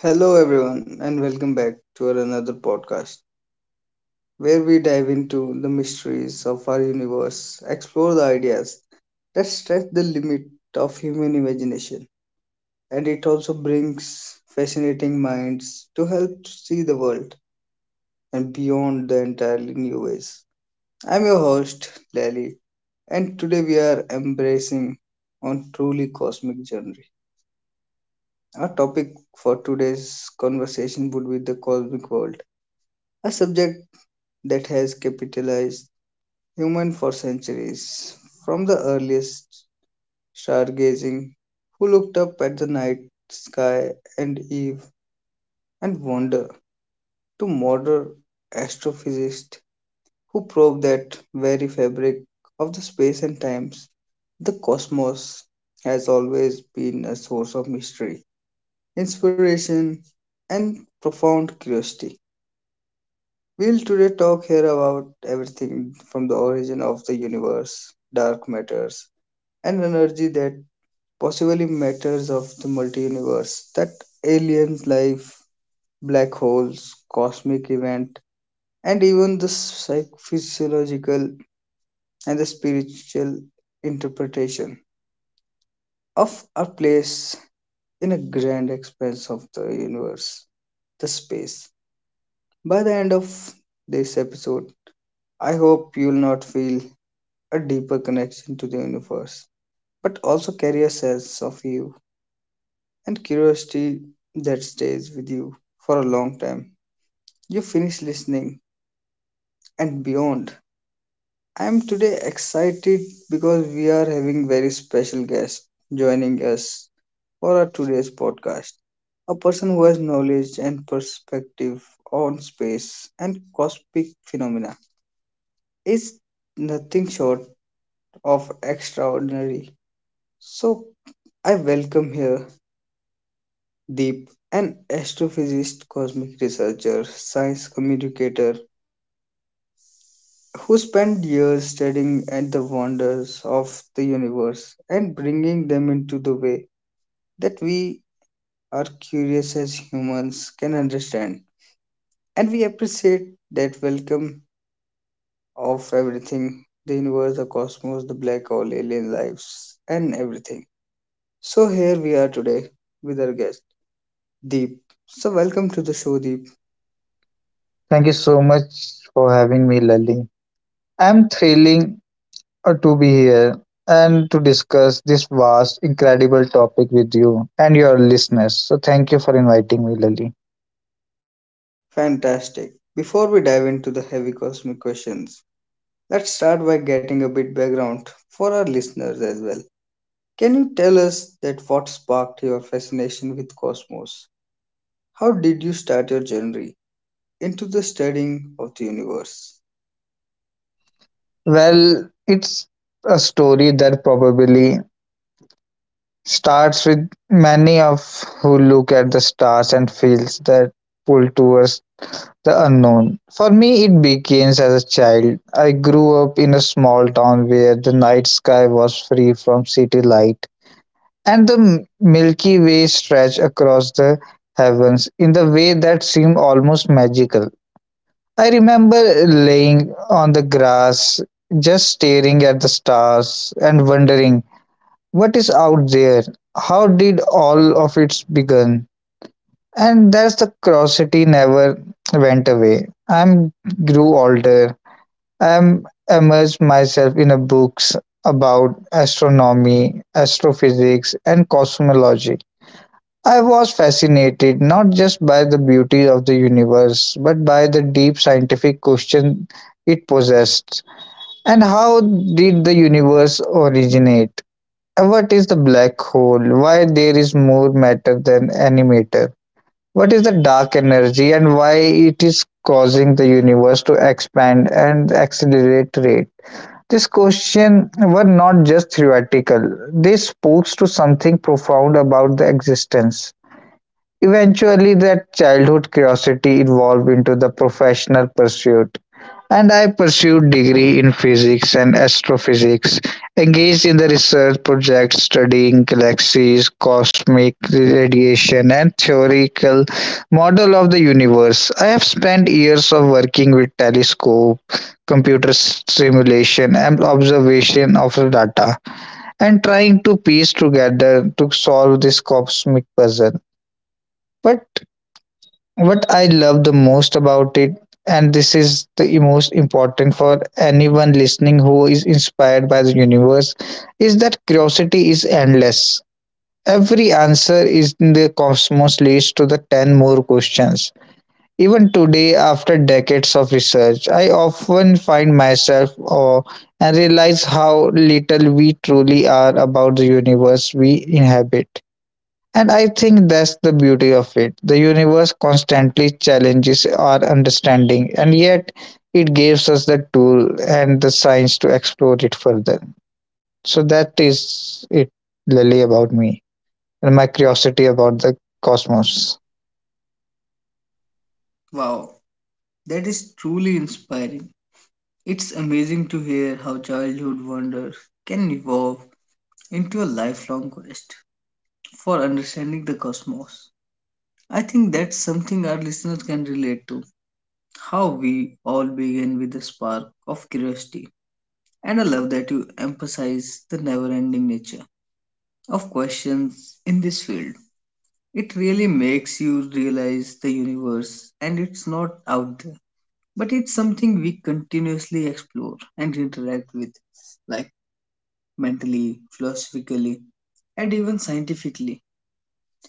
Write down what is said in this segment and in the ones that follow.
Hello, everyone, and welcome back to our another podcast where we dive into the mysteries of our universe, explore the ideas that stretch the limit of human imagination, and it also brings fascinating minds to help to see the world and beyond the entirely new ways. I'm your host, Lally, and today we are embracing on truly cosmic journey. Our topic for today's conversation would be the cosmic world, a subject that has capitalized human for centuries. From the earliest stargazing, who looked up at the night sky and eve and wonder, to modern astrophysicists who probe that very fabric of the space and times, the cosmos has always been a source of mystery, inspiration, and profound curiosity. We'll today talk here about everything from the origin of the universe, dark matters, and energy that possibly matters of the multi universe, that alien life, black holes, cosmic event, and even the physiological and the spiritual interpretation of our place in a grand expanse of the universe, the space. By the end of this episode, I hope you'll not feel a deeper connection to the universe, but also carry a sense of you and curiosity that stays with you for a long time. You finish listening and beyond. I am today excited because we are having very special guest joining us for our today's podcast. A person who has knowledge and perspective on space and cosmic phenomena is nothing short of extraordinary. So I welcome here Deep, an astrophysicist, cosmic researcher, science communicator who spent years studying at the wonders of the universe and bringing them into the way that we are curious as humans can understand. And we appreciate that welcome of everything the universe, the cosmos, the black hole, alien lives, and everything. So, here we are today with our guest, Deep. So, welcome to the show, Deep. Thank you so much for having me, Lali. I'm thrilling to be here and to discuss this vast, incredible topic with you and your listeners. So, thank you for inviting me, Lali. Fantastic. Before we dive into the heavy cosmic questions, let's start by getting a bit background for our listeners as well. Can you tell us that what sparked your fascination with cosmos? How did you start your journey into the studying of the universe? Well, it's a story that probably starts with many of who look at the stars and feels that pull towards the unknown. For me, it begins as a child. I grew up in a small town where the night sky was free from city light, and the Milky Way stretched across the heavens in the way that seemed almost magical. I remember laying on the grass, just staring at the stars and wondering, what is out there? How did all of it begin? And that's the curiosity never went away. I grew older. I immersed myself in a books about astronomy, astrophysics, and cosmology. I was fascinated not just by the beauty of the universe, but by the deep scientific question it possessed. And how did the universe originate? And what is the black hole? Why there is more matter than any matter? What is the dark energy and why it is causing the universe to expand and accelerate rate? These questions were not just theoretical, they spoke to something profound about the existence. Eventually, that childhood curiosity evolved into the professional pursuit, and I pursued degree in physics and astrophysics, engaged in the research projects studying galaxies, cosmic radiation, and theoretical model of the universe. I have spent years of working with telescope, computer simulation, and observation of the data, and trying to piece together to solve this cosmic puzzle. But what I love the most about it, and this is the most important for anyone listening who is inspired by the universe, is that curiosity is endless. Every answer is in the cosmos leads to the 10 more questions. Even today, after decades of research, I often find myself awe and realize how little we truly are about the universe we inhabit. And I think that's the beauty of it. The universe constantly challenges our understanding, and yet it gives us the tool and the science to explore it further. So that is it, Lily, about me and my curiosity about the cosmos. Wow, that is truly inspiring. It's amazing to hear how childhood wonders can evolve into a lifelong quest for understanding the cosmos. I think that's something our listeners can relate to, how we all begin with a spark of curiosity. And I love that you emphasize the never ending nature of questions in this field. It really makes you realize the universe and it's not out there, but it's something we continuously explore and interact with, like mentally, philosophically, and even scientifically.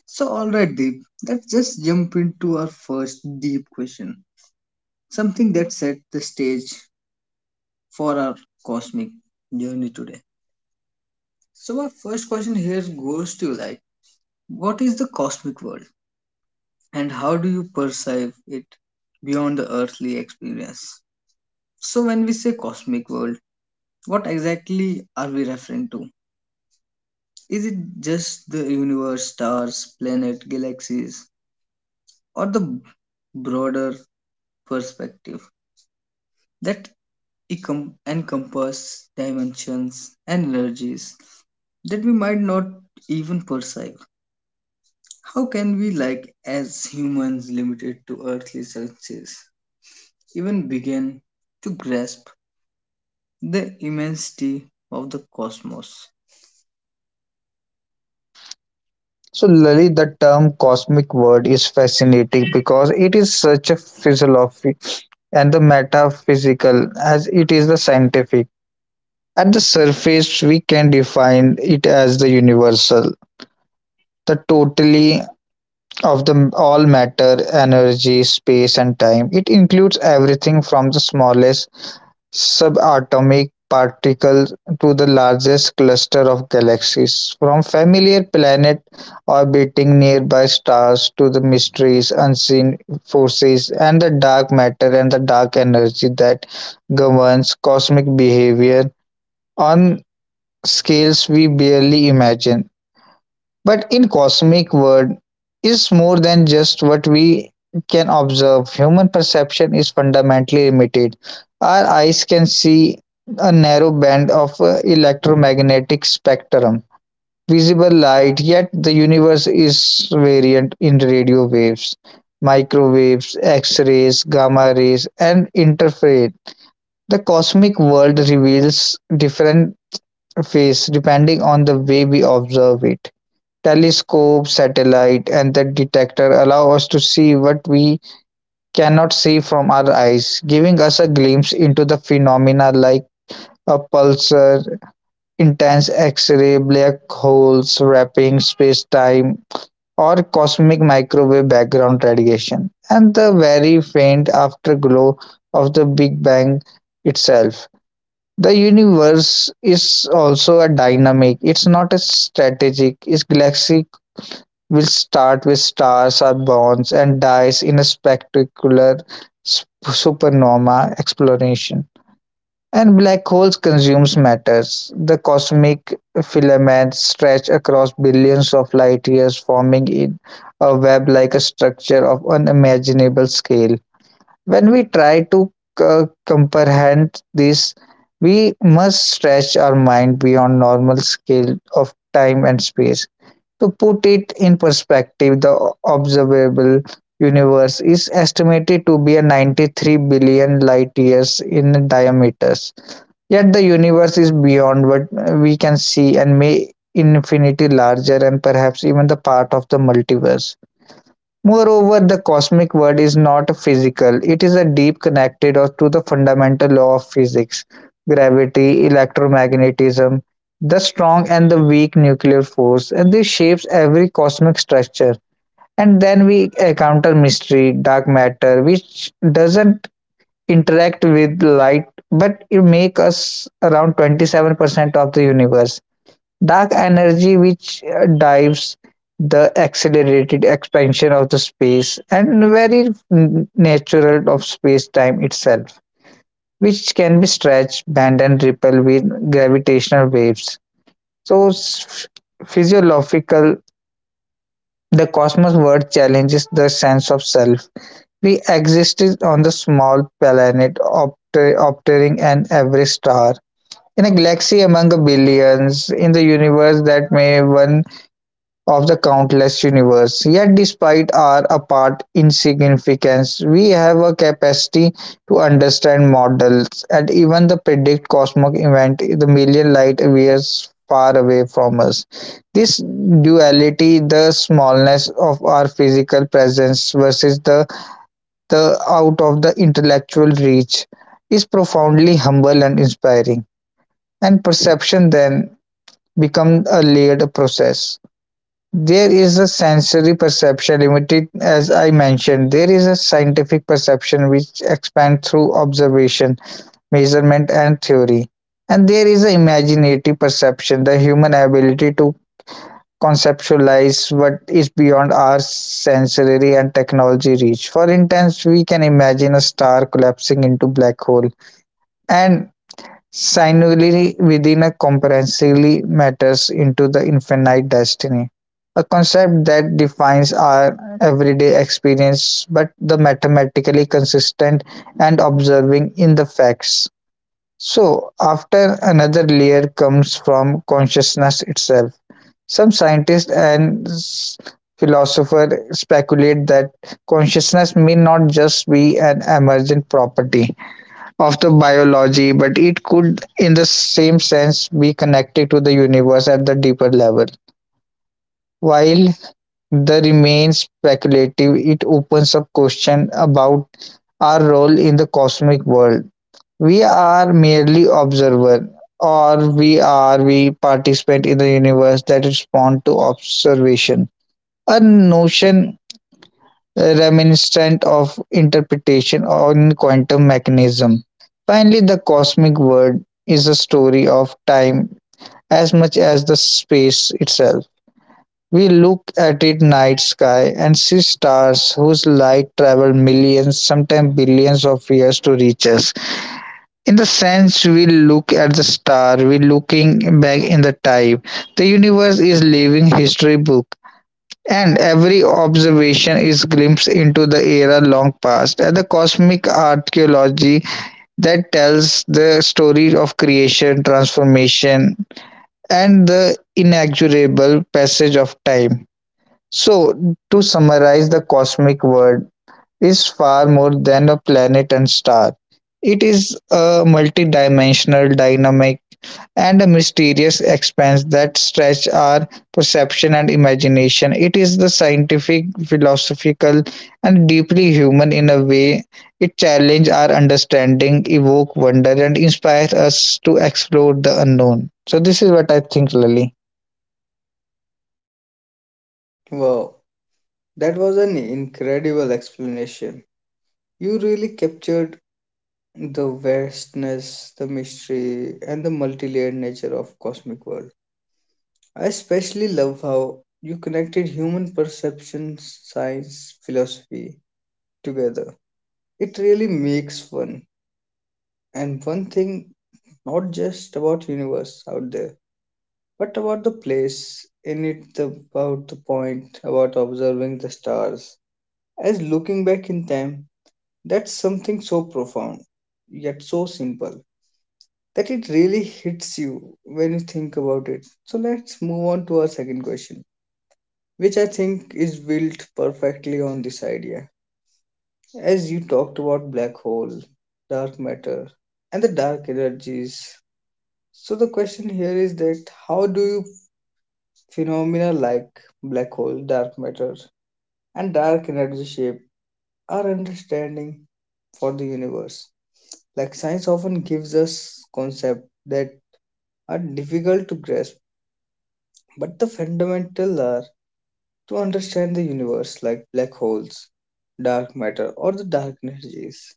So, alright, Deep, let's just jump into our first deep question, something that set the stage for our cosmic journey today. So, my first question here goes to like, what is the cosmic world and how do you perceive it beyond the earthly experience? So, when we say cosmic world, what exactly are we referring to? Is it just the universe, stars, planet, galaxies, or the broader perspective that encompass dimensions and energies that we might not even perceive? How can we, like, as humans limited to earthly success, even begin to grasp the immensity of the cosmos? So, Lily, the term cosmic word is fascinating because it is such a philosophy and the metaphysical as it is the scientific. At the surface, we can define it as the universal, the totality of the all matter, energy, space and time. It includes everything from the smallest subatomic particles to the largest cluster of galaxies, from familiar planet orbiting nearby stars to the mysteries, unseen forces and the dark matter and the dark energy that governs cosmic behavior on scales we barely imagine. But in cosmic world is more than just what we can observe. Human perception is fundamentally limited. Our eyes can see a narrow band of electromagnetic spectrum, visible light, yet the universe is variant in radio waves, microwaves, X-rays, gamma rays, and interfered. The cosmic world reveals different faces depending on the way we observe it. Telescope, satellite, and the detector allow us to see what we cannot see from our eyes, giving us a glimpse into the phenomena like a pulsar, intense X-ray, black holes, wrapping space-time, or cosmic microwave background radiation, and the very faint afterglow of the Big Bang itself. The universe is also a dynamic. It's not a strategic. Its galaxy will start with stars are born and dies in a spectacular sp- supernova explosion. And black holes consumes matters. The cosmic filaments stretch across billions of light years, forming in a web-like a structure of unimaginable scale. When we try to comprehend this, we must stretch our mind beyond normal scale of time and space. To put it in perspective, the observable universe is estimated to be a 93 billion light years in diameter. Yet the universe is beyond what we can see and may infinity larger and perhaps even the part of the multiverse. Moreover, the cosmic world is not physical; it is a deep connected or to the fundamental law of physics, gravity, electromagnetism, the strong and the weak nuclear force, and this shapes every cosmic structure. And then we encounter mystery, dark matter, which doesn't interact with light, but it makes us around 27% of the universe. Dark energy, which drives the accelerated expansion of the space and very natural of space-time itself, which can be stretched, bent, and repelled with gravitational waves. So, physiological, the cosmos world challenges the sense of self. We existed on the small planet, obtering an every star in a galaxy among a billions in the universe that may one of the countless universe. Yet, despite our apparent insignificance, we have a capacity to understand models and even the predict cosmic event the million light years far away from us. This duality, the smallness of our physical presence versus the out of the intellectual reach, is profoundly humble and inspiring. And perception then becomes a layered process. There is a sensory perception limited as I mentioned. There is a scientific perception which expands through observation, measurement and theory. And there is an imaginative perception, the human ability to conceptualize what is beyond our sensory and technology reach. For instance, we can imagine a star collapsing into black hole and singularity within a comprehensively matters into the infinite destiny, a concept that defines our everyday experience but the mathematically consistent and observing in the facts. So, after another layer comes from consciousness itself. Some scientists and philosophers speculate that consciousness may not just be an emergent property of the biology, but it could, in the same sense, be connected to the universe at the deeper level. While the remains speculative, it opens up question about our role in the cosmic world. We are merely observer, or we are we participant in the universe that respond to observation. A notion reminiscent of interpretation on quantum mechanism. Finally, the cosmic world is a story of time as much as the space itself. We look at it night sky and see stars whose light travel millions, sometimes billions of years to reach us. In the sense we look at the star, we looking back in the time. The universe is living history book, and every observation is glimpse into the era long past and the cosmic archaeology that tells the story of creation, transformation, and the inexorable passage of time. So, to summarize, the cosmic world is far more than a planet and star. It is a multidimensional, dynamic, and a mysterious expanse that stretch our perception and imagination. It is the scientific, philosophical, and deeply human in a way. It challenges our understanding, evoke wonder, and inspires us to explore the unknown. So this is what I think, Lily. Wow, that was an incredible explanation. You really captured the vastness, the mystery, and the multi-layered nature of cosmic world. I especially love how you connected human perception, science, philosophy together. It really makes fun. And one thing not just about universe out there, but about the place in it, the, about the point, about observing the stars. As looking back in time, that's something so profound, yet so simple, that it really hits you when you think about it. So let's move on to our second question, which I think is built perfectly on this idea. As you talked about black hole, dark matter, and the dark energies. So the question here is that how do you Phenomena like black hole, dark matter, and dark energy shape our understanding for the universe. Like science often gives us concepts that are difficult to grasp, but the fundamental are to understand the universe like black holes, dark matter, or the dark energies.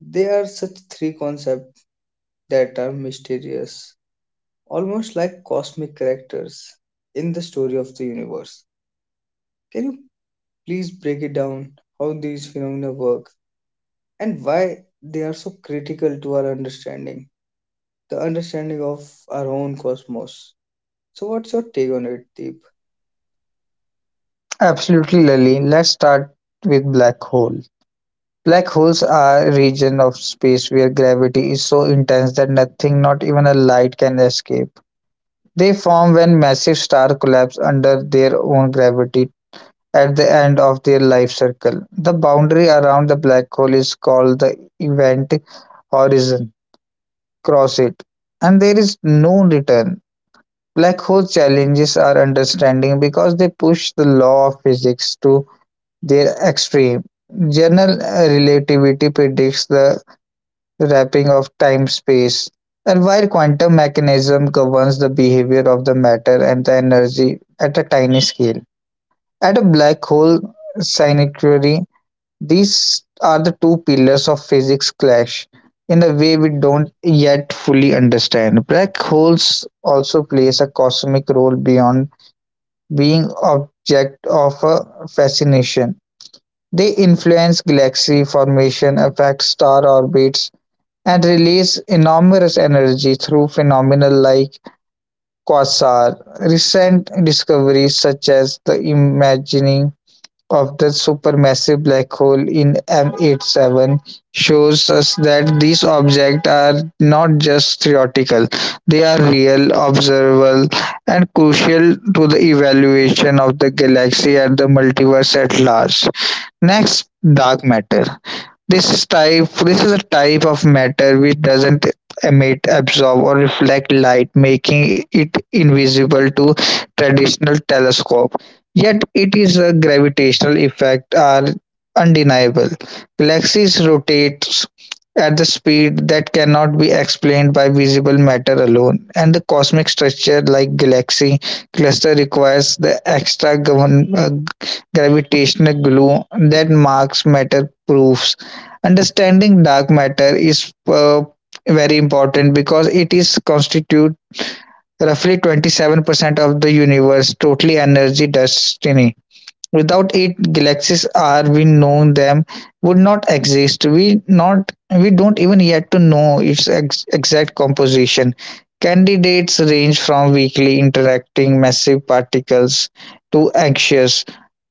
They are such three concepts that are mysterious, almost like cosmic characters in the story of the universe. Can you please break it down how these phenomena work and why they are so critical to our understanding, the understanding of our own cosmos. So, what's your take on it, Deep? Absolutely, Lily. Let's start with black hole. Black holes are a region of space where gravity is so intense that nothing, not even a light, can escape. They form when massive stars collapse under their own gravity at the end of their life cycle. The boundary around the black hole is called the event horizon. Cross it, and there is no return. Black hole challenges our understanding because they push the law of physics to their extreme. General relativity predicts the wrapping of time-space, and while quantum mechanism governs the behavior of the matter and the energy at a tiny scale. At a black hole synecdoche, these are the two pillars of physics clash in a way we don't yet fully understand. Black holes also plays a cosmic role beyond being object of a fascination. They influence galaxy formation, affect star orbits, and release enormous energy through phenomena like quasar. Recent discoveries such as the imagining of the supermassive black hole in M87 shows us that these objects are not just theoretical, they are real observable and crucial to the evaluation of the galaxy and the multiverse at large. Next, dark matter. This is a type of matter which doesn't emit, absorb, or reflect light, making it invisible to traditional telescope. Yet its gravitational effect are undeniable. Galaxies rotate at the speed that cannot be explained by visible matter alone, and the cosmic structure like galaxy cluster requires the extra gravitational glue that marks matter proofs. Understanding dark matter is very important because it is constitute roughly 27% of the universe totally energy destiny. Without it, galaxies are we know them would not exist. We don't even yet to know its exact composition. Candidates range from weakly interacting massive particles to anxious,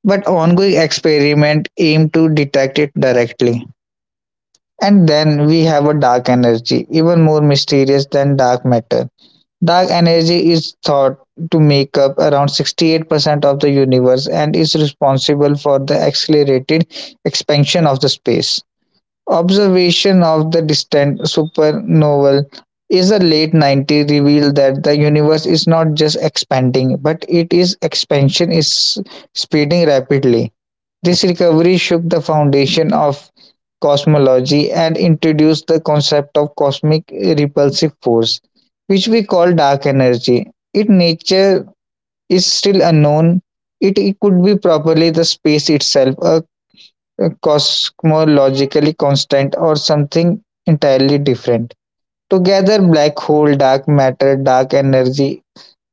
but ongoing experiment aim to detect it directly. And then we have a dark energy, even more mysterious than dark matter. Dark energy is thought to make up around 68% of the universe and is responsible for the accelerated expansion of the space. Observation of the distant supernovae is a late 90s revealed that the universe is not just expanding but it is expansion is speeding rapidly. This recovery shook the foundation of cosmology and introduced the concept of cosmic repulsive force, which we call dark energy. Its nature is still unknown. It could be properly the space itself, a cosmologically constant, or something entirely different. Together, black hole, dark matter, dark energy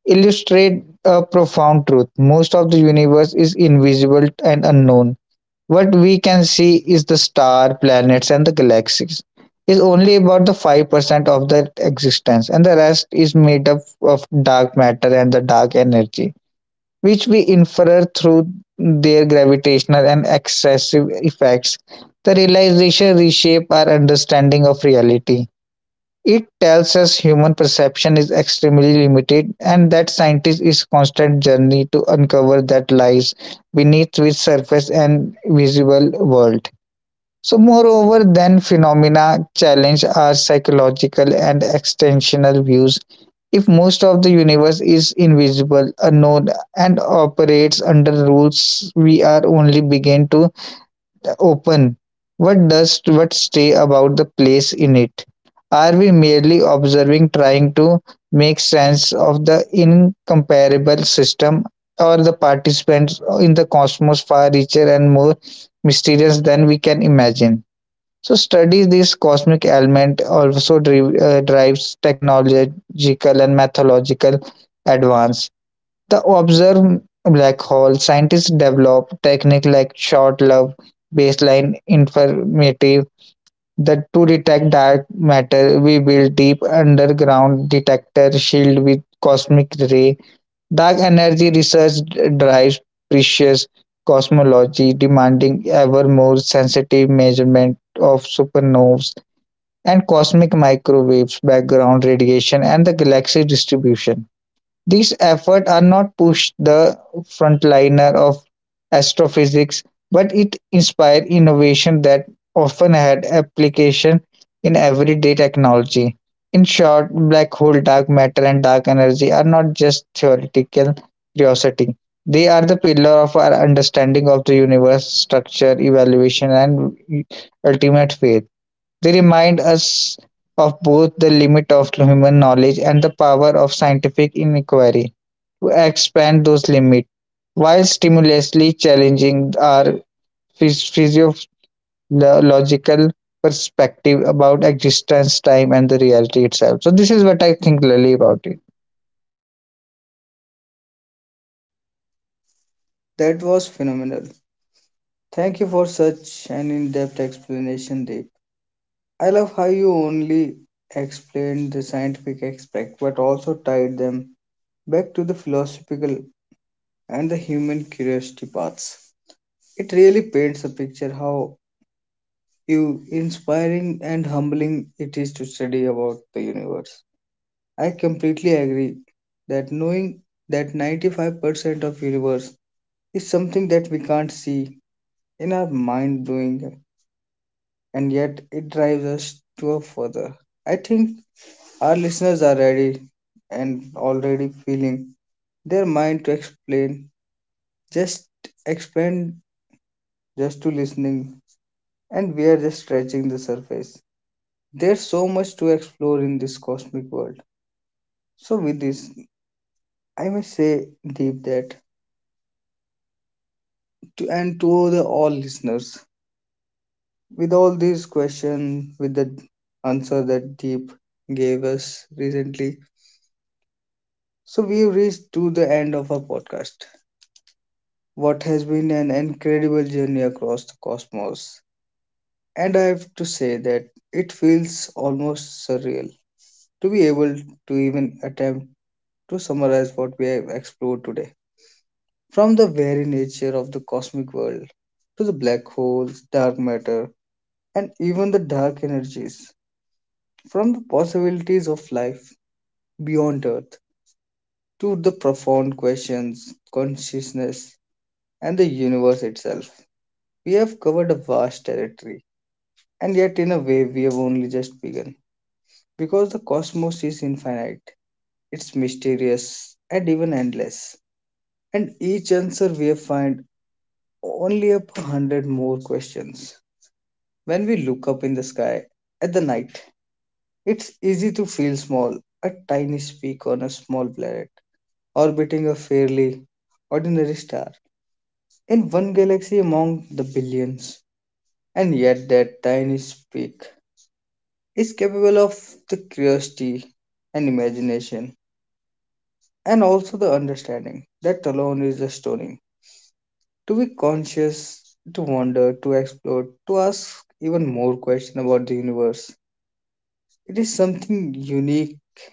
illustrate a profound truth. Most of the universe is invisible and unknown. What we can see is the star, planets, and the galaxies is only about the 5% of their existence, and the rest is made up of dark matter and the dark energy, which we infer through their gravitational and excessive effects. The realization reshape our understanding of reality. It tells us human perception is extremely limited and that scientists is constant journey to uncover that lies beneath its surface and visible world. So moreover than phenomena challenge our psychological and extensional views. If most of the universe is invisible, unknown and operates under rules we are only begin to open? What does what stay about the place in it? Are we merely observing, trying to make sense of the incomparable system or the participants in the cosmos far richer and more mysterious than we can imagine? So, study this cosmic element also drives technological and methodological advance. To observe black hole, scientists develop techniques like short-wave baseline interferometry that to detect dark matter. We build deep underground detector shield with cosmic ray. Dark energy research drives precious cosmology, demanding ever more sensitive measurement of supernovas and cosmic microwaves, background radiation, and the galaxy distribution. These efforts are not push the frontliner of astrophysics, but it inspired innovation that often had application in everyday technology. In short, black hole, dark matter, and dark energy are not just theoretical curiosity. They are the pillar of our understanding of the universe, structure, evaluation, and ultimate faith. They remind us of both the limit of human knowledge and the power of scientific inquiry expand those limits while stimulously challenging our phys- physiological perspective about existence, time, and the reality itself. So this is what I think, Lali, about it. That was phenomenal. Thank you for such an in depth explanation, Deep. I love how you only explained the scientific aspect but also tied them back to the philosophical and the human curiosity paths. It really paints a picture how you inspiring and humbling it is to study about the universe. I completely agree that knowing that 95% of universe is something that we can't see in our mind blowing and yet it drives us to a further. I think our listeners are ready and already feeling their mind to just explain just to listening and we are just scratching the surface. There's so much to explore in this cosmic world. So, with this, I must say, Deep, that to, and to the all listeners, with all these questions, with the answer that Deep gave us recently, so we've reached to the end of our podcast. What has been an incredible journey across the cosmos, and I have to say that it feels almost surreal to be able to even attempt to summarize what we have explored today. From the very nature of the cosmic world, to the black holes, dark matter, and even the dark energies, from the possibilities of life beyond Earth, to the profound questions, consciousness, and the universe itself, we have covered a vast territory. And yet, in a way, we have only just begun. Because the cosmos is infinite, it's mysterious, and even endless. And each answer we have find only up a hundred more questions. When we look up in the sky at the night, it's easy to feel small, a tiny speck on a small planet, orbiting a fairly ordinary star in one galaxy among the billions. And yet, that tiny speck is capable of the curiosity and imagination, and also the understanding that alone is astounding. To be conscious, to wonder, to explore, to ask even more questions about the universe. It is something unique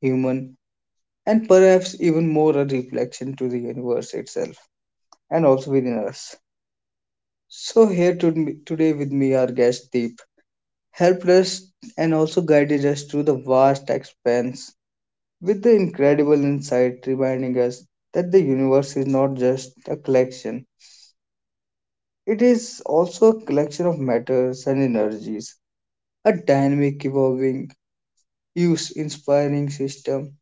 human, and perhaps even more a reflection to the universe itself and also within us. So, here to, today with me, our guest Deep helped us and also guided us through the vast expanse with the incredible insight, reminding us that the universe is not just a collection, it is also a collection of matters and energies, a dynamic, evolving, use inspiring system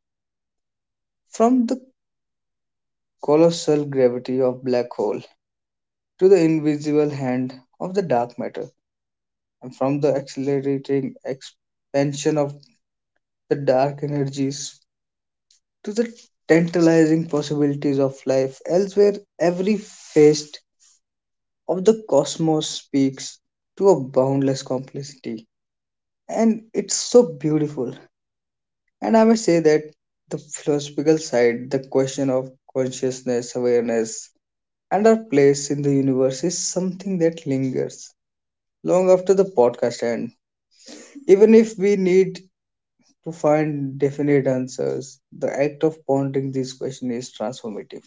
from the colossal gravity of black hole to the invisible hand of the dark matter, and from the accelerating expansion of the dark energies to the tantalizing possibilities of life elsewhere, every facet of the cosmos speaks to a boundless complexity. And it's so beautiful. And I may say that the philosophical side, the question of consciousness, awareness, and our place in the universe is something that lingers long after the podcast ends. Even if we need to find definite answers, the act of pondering these questions is transformative.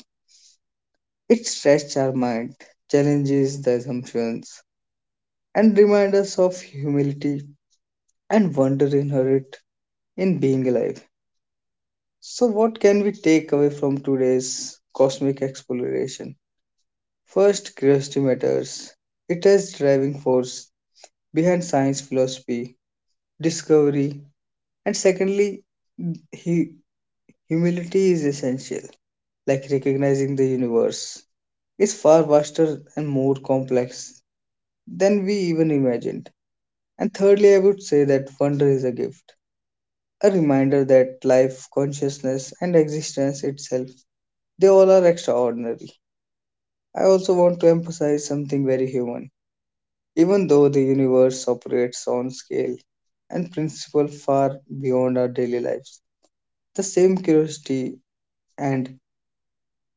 It stretches our mind, challenges the assumptions, and reminds us of humility and wonder inherent in being alive. So, what can we take away from today's cosmic exploration? First, curiosity matters. It is driving force behind science philosophy, discovery, and secondly, hu- humility is essential. Like recognizing the universe, is far vaster and more complex than we even imagined. And thirdly, I would say that wonder is a gift, a reminder that life, consciousness, and existence itself, they all are extraordinary. I also want to emphasize something very human. Even though the universe operates on scale and principle far beyond our daily lives, the same curiosity and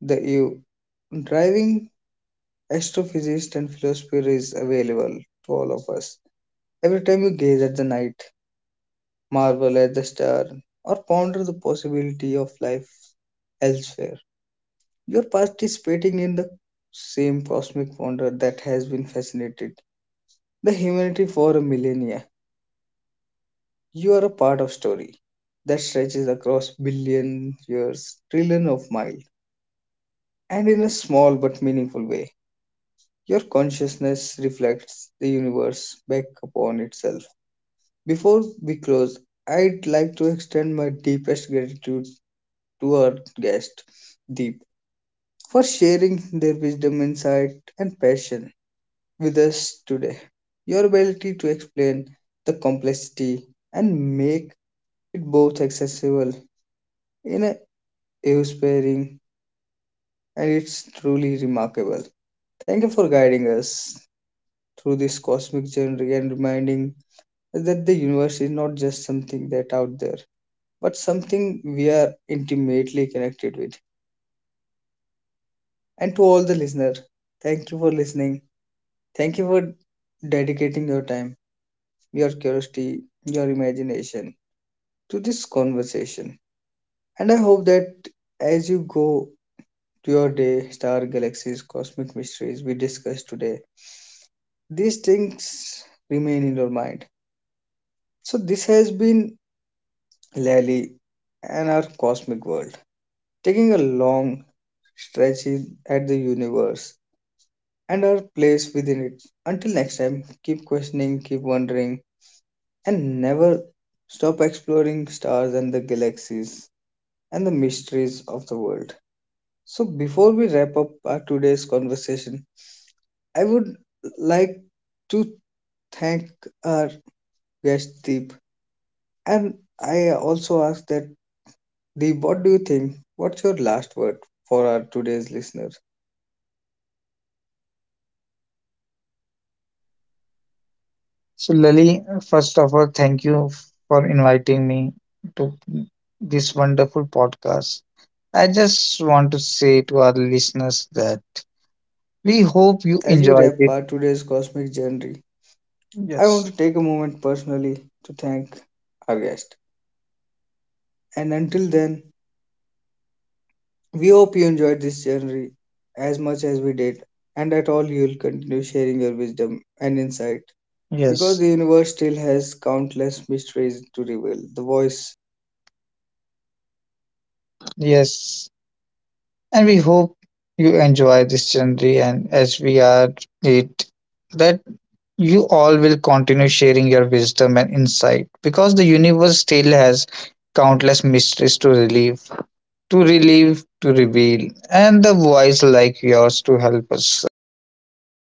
the you driving astrophysics and philosophy is available to all of us. Every time you gaze at the night, marvel at the star, or ponder the possibility of life elsewhere, you are participating in the same cosmic wonder that has been fascinated the humanity for a millennia. You are a part of story that stretches across billion years, trillion of miles, and in a small but meaningful way. Your consciousness reflects the universe back upon itself. Before we close, I'd like to extend my deepest gratitude to our guest, Deep, for sharing their wisdom, insight, and passion with us today. Your ability to explain the complexity and make it both accessible in a inspiring and it's truly remarkable. Thank you for guiding us through this cosmic journey and reminding us that the universe is not just something that out there but something we are intimately connected with. And to all the listeners, thank you for listening. Thank you for dedicating your time, your curiosity, your imagination to this conversation. And I hope that as you go to your day, star galaxies, cosmic mysteries we discussed today, these things remain in your mind. So, this has been Lally and our cosmic world, taking a long stretch at the universe and our place within it. Until next time, keep questioning, keep wondering, and never stop exploring stars and the galaxies and the mysteries of the world. So Lali, first of all, thank you for inviting me to this wonderful podcast. I just want to say to our listeners that we hope you enjoyed it. Yes. Yes. Yes. And we hope you enjoy this journey and as we are it that you all will continue sharing your wisdom and insight because the universe still has countless mysteries to reveal and the voice like yours to help us a sense of them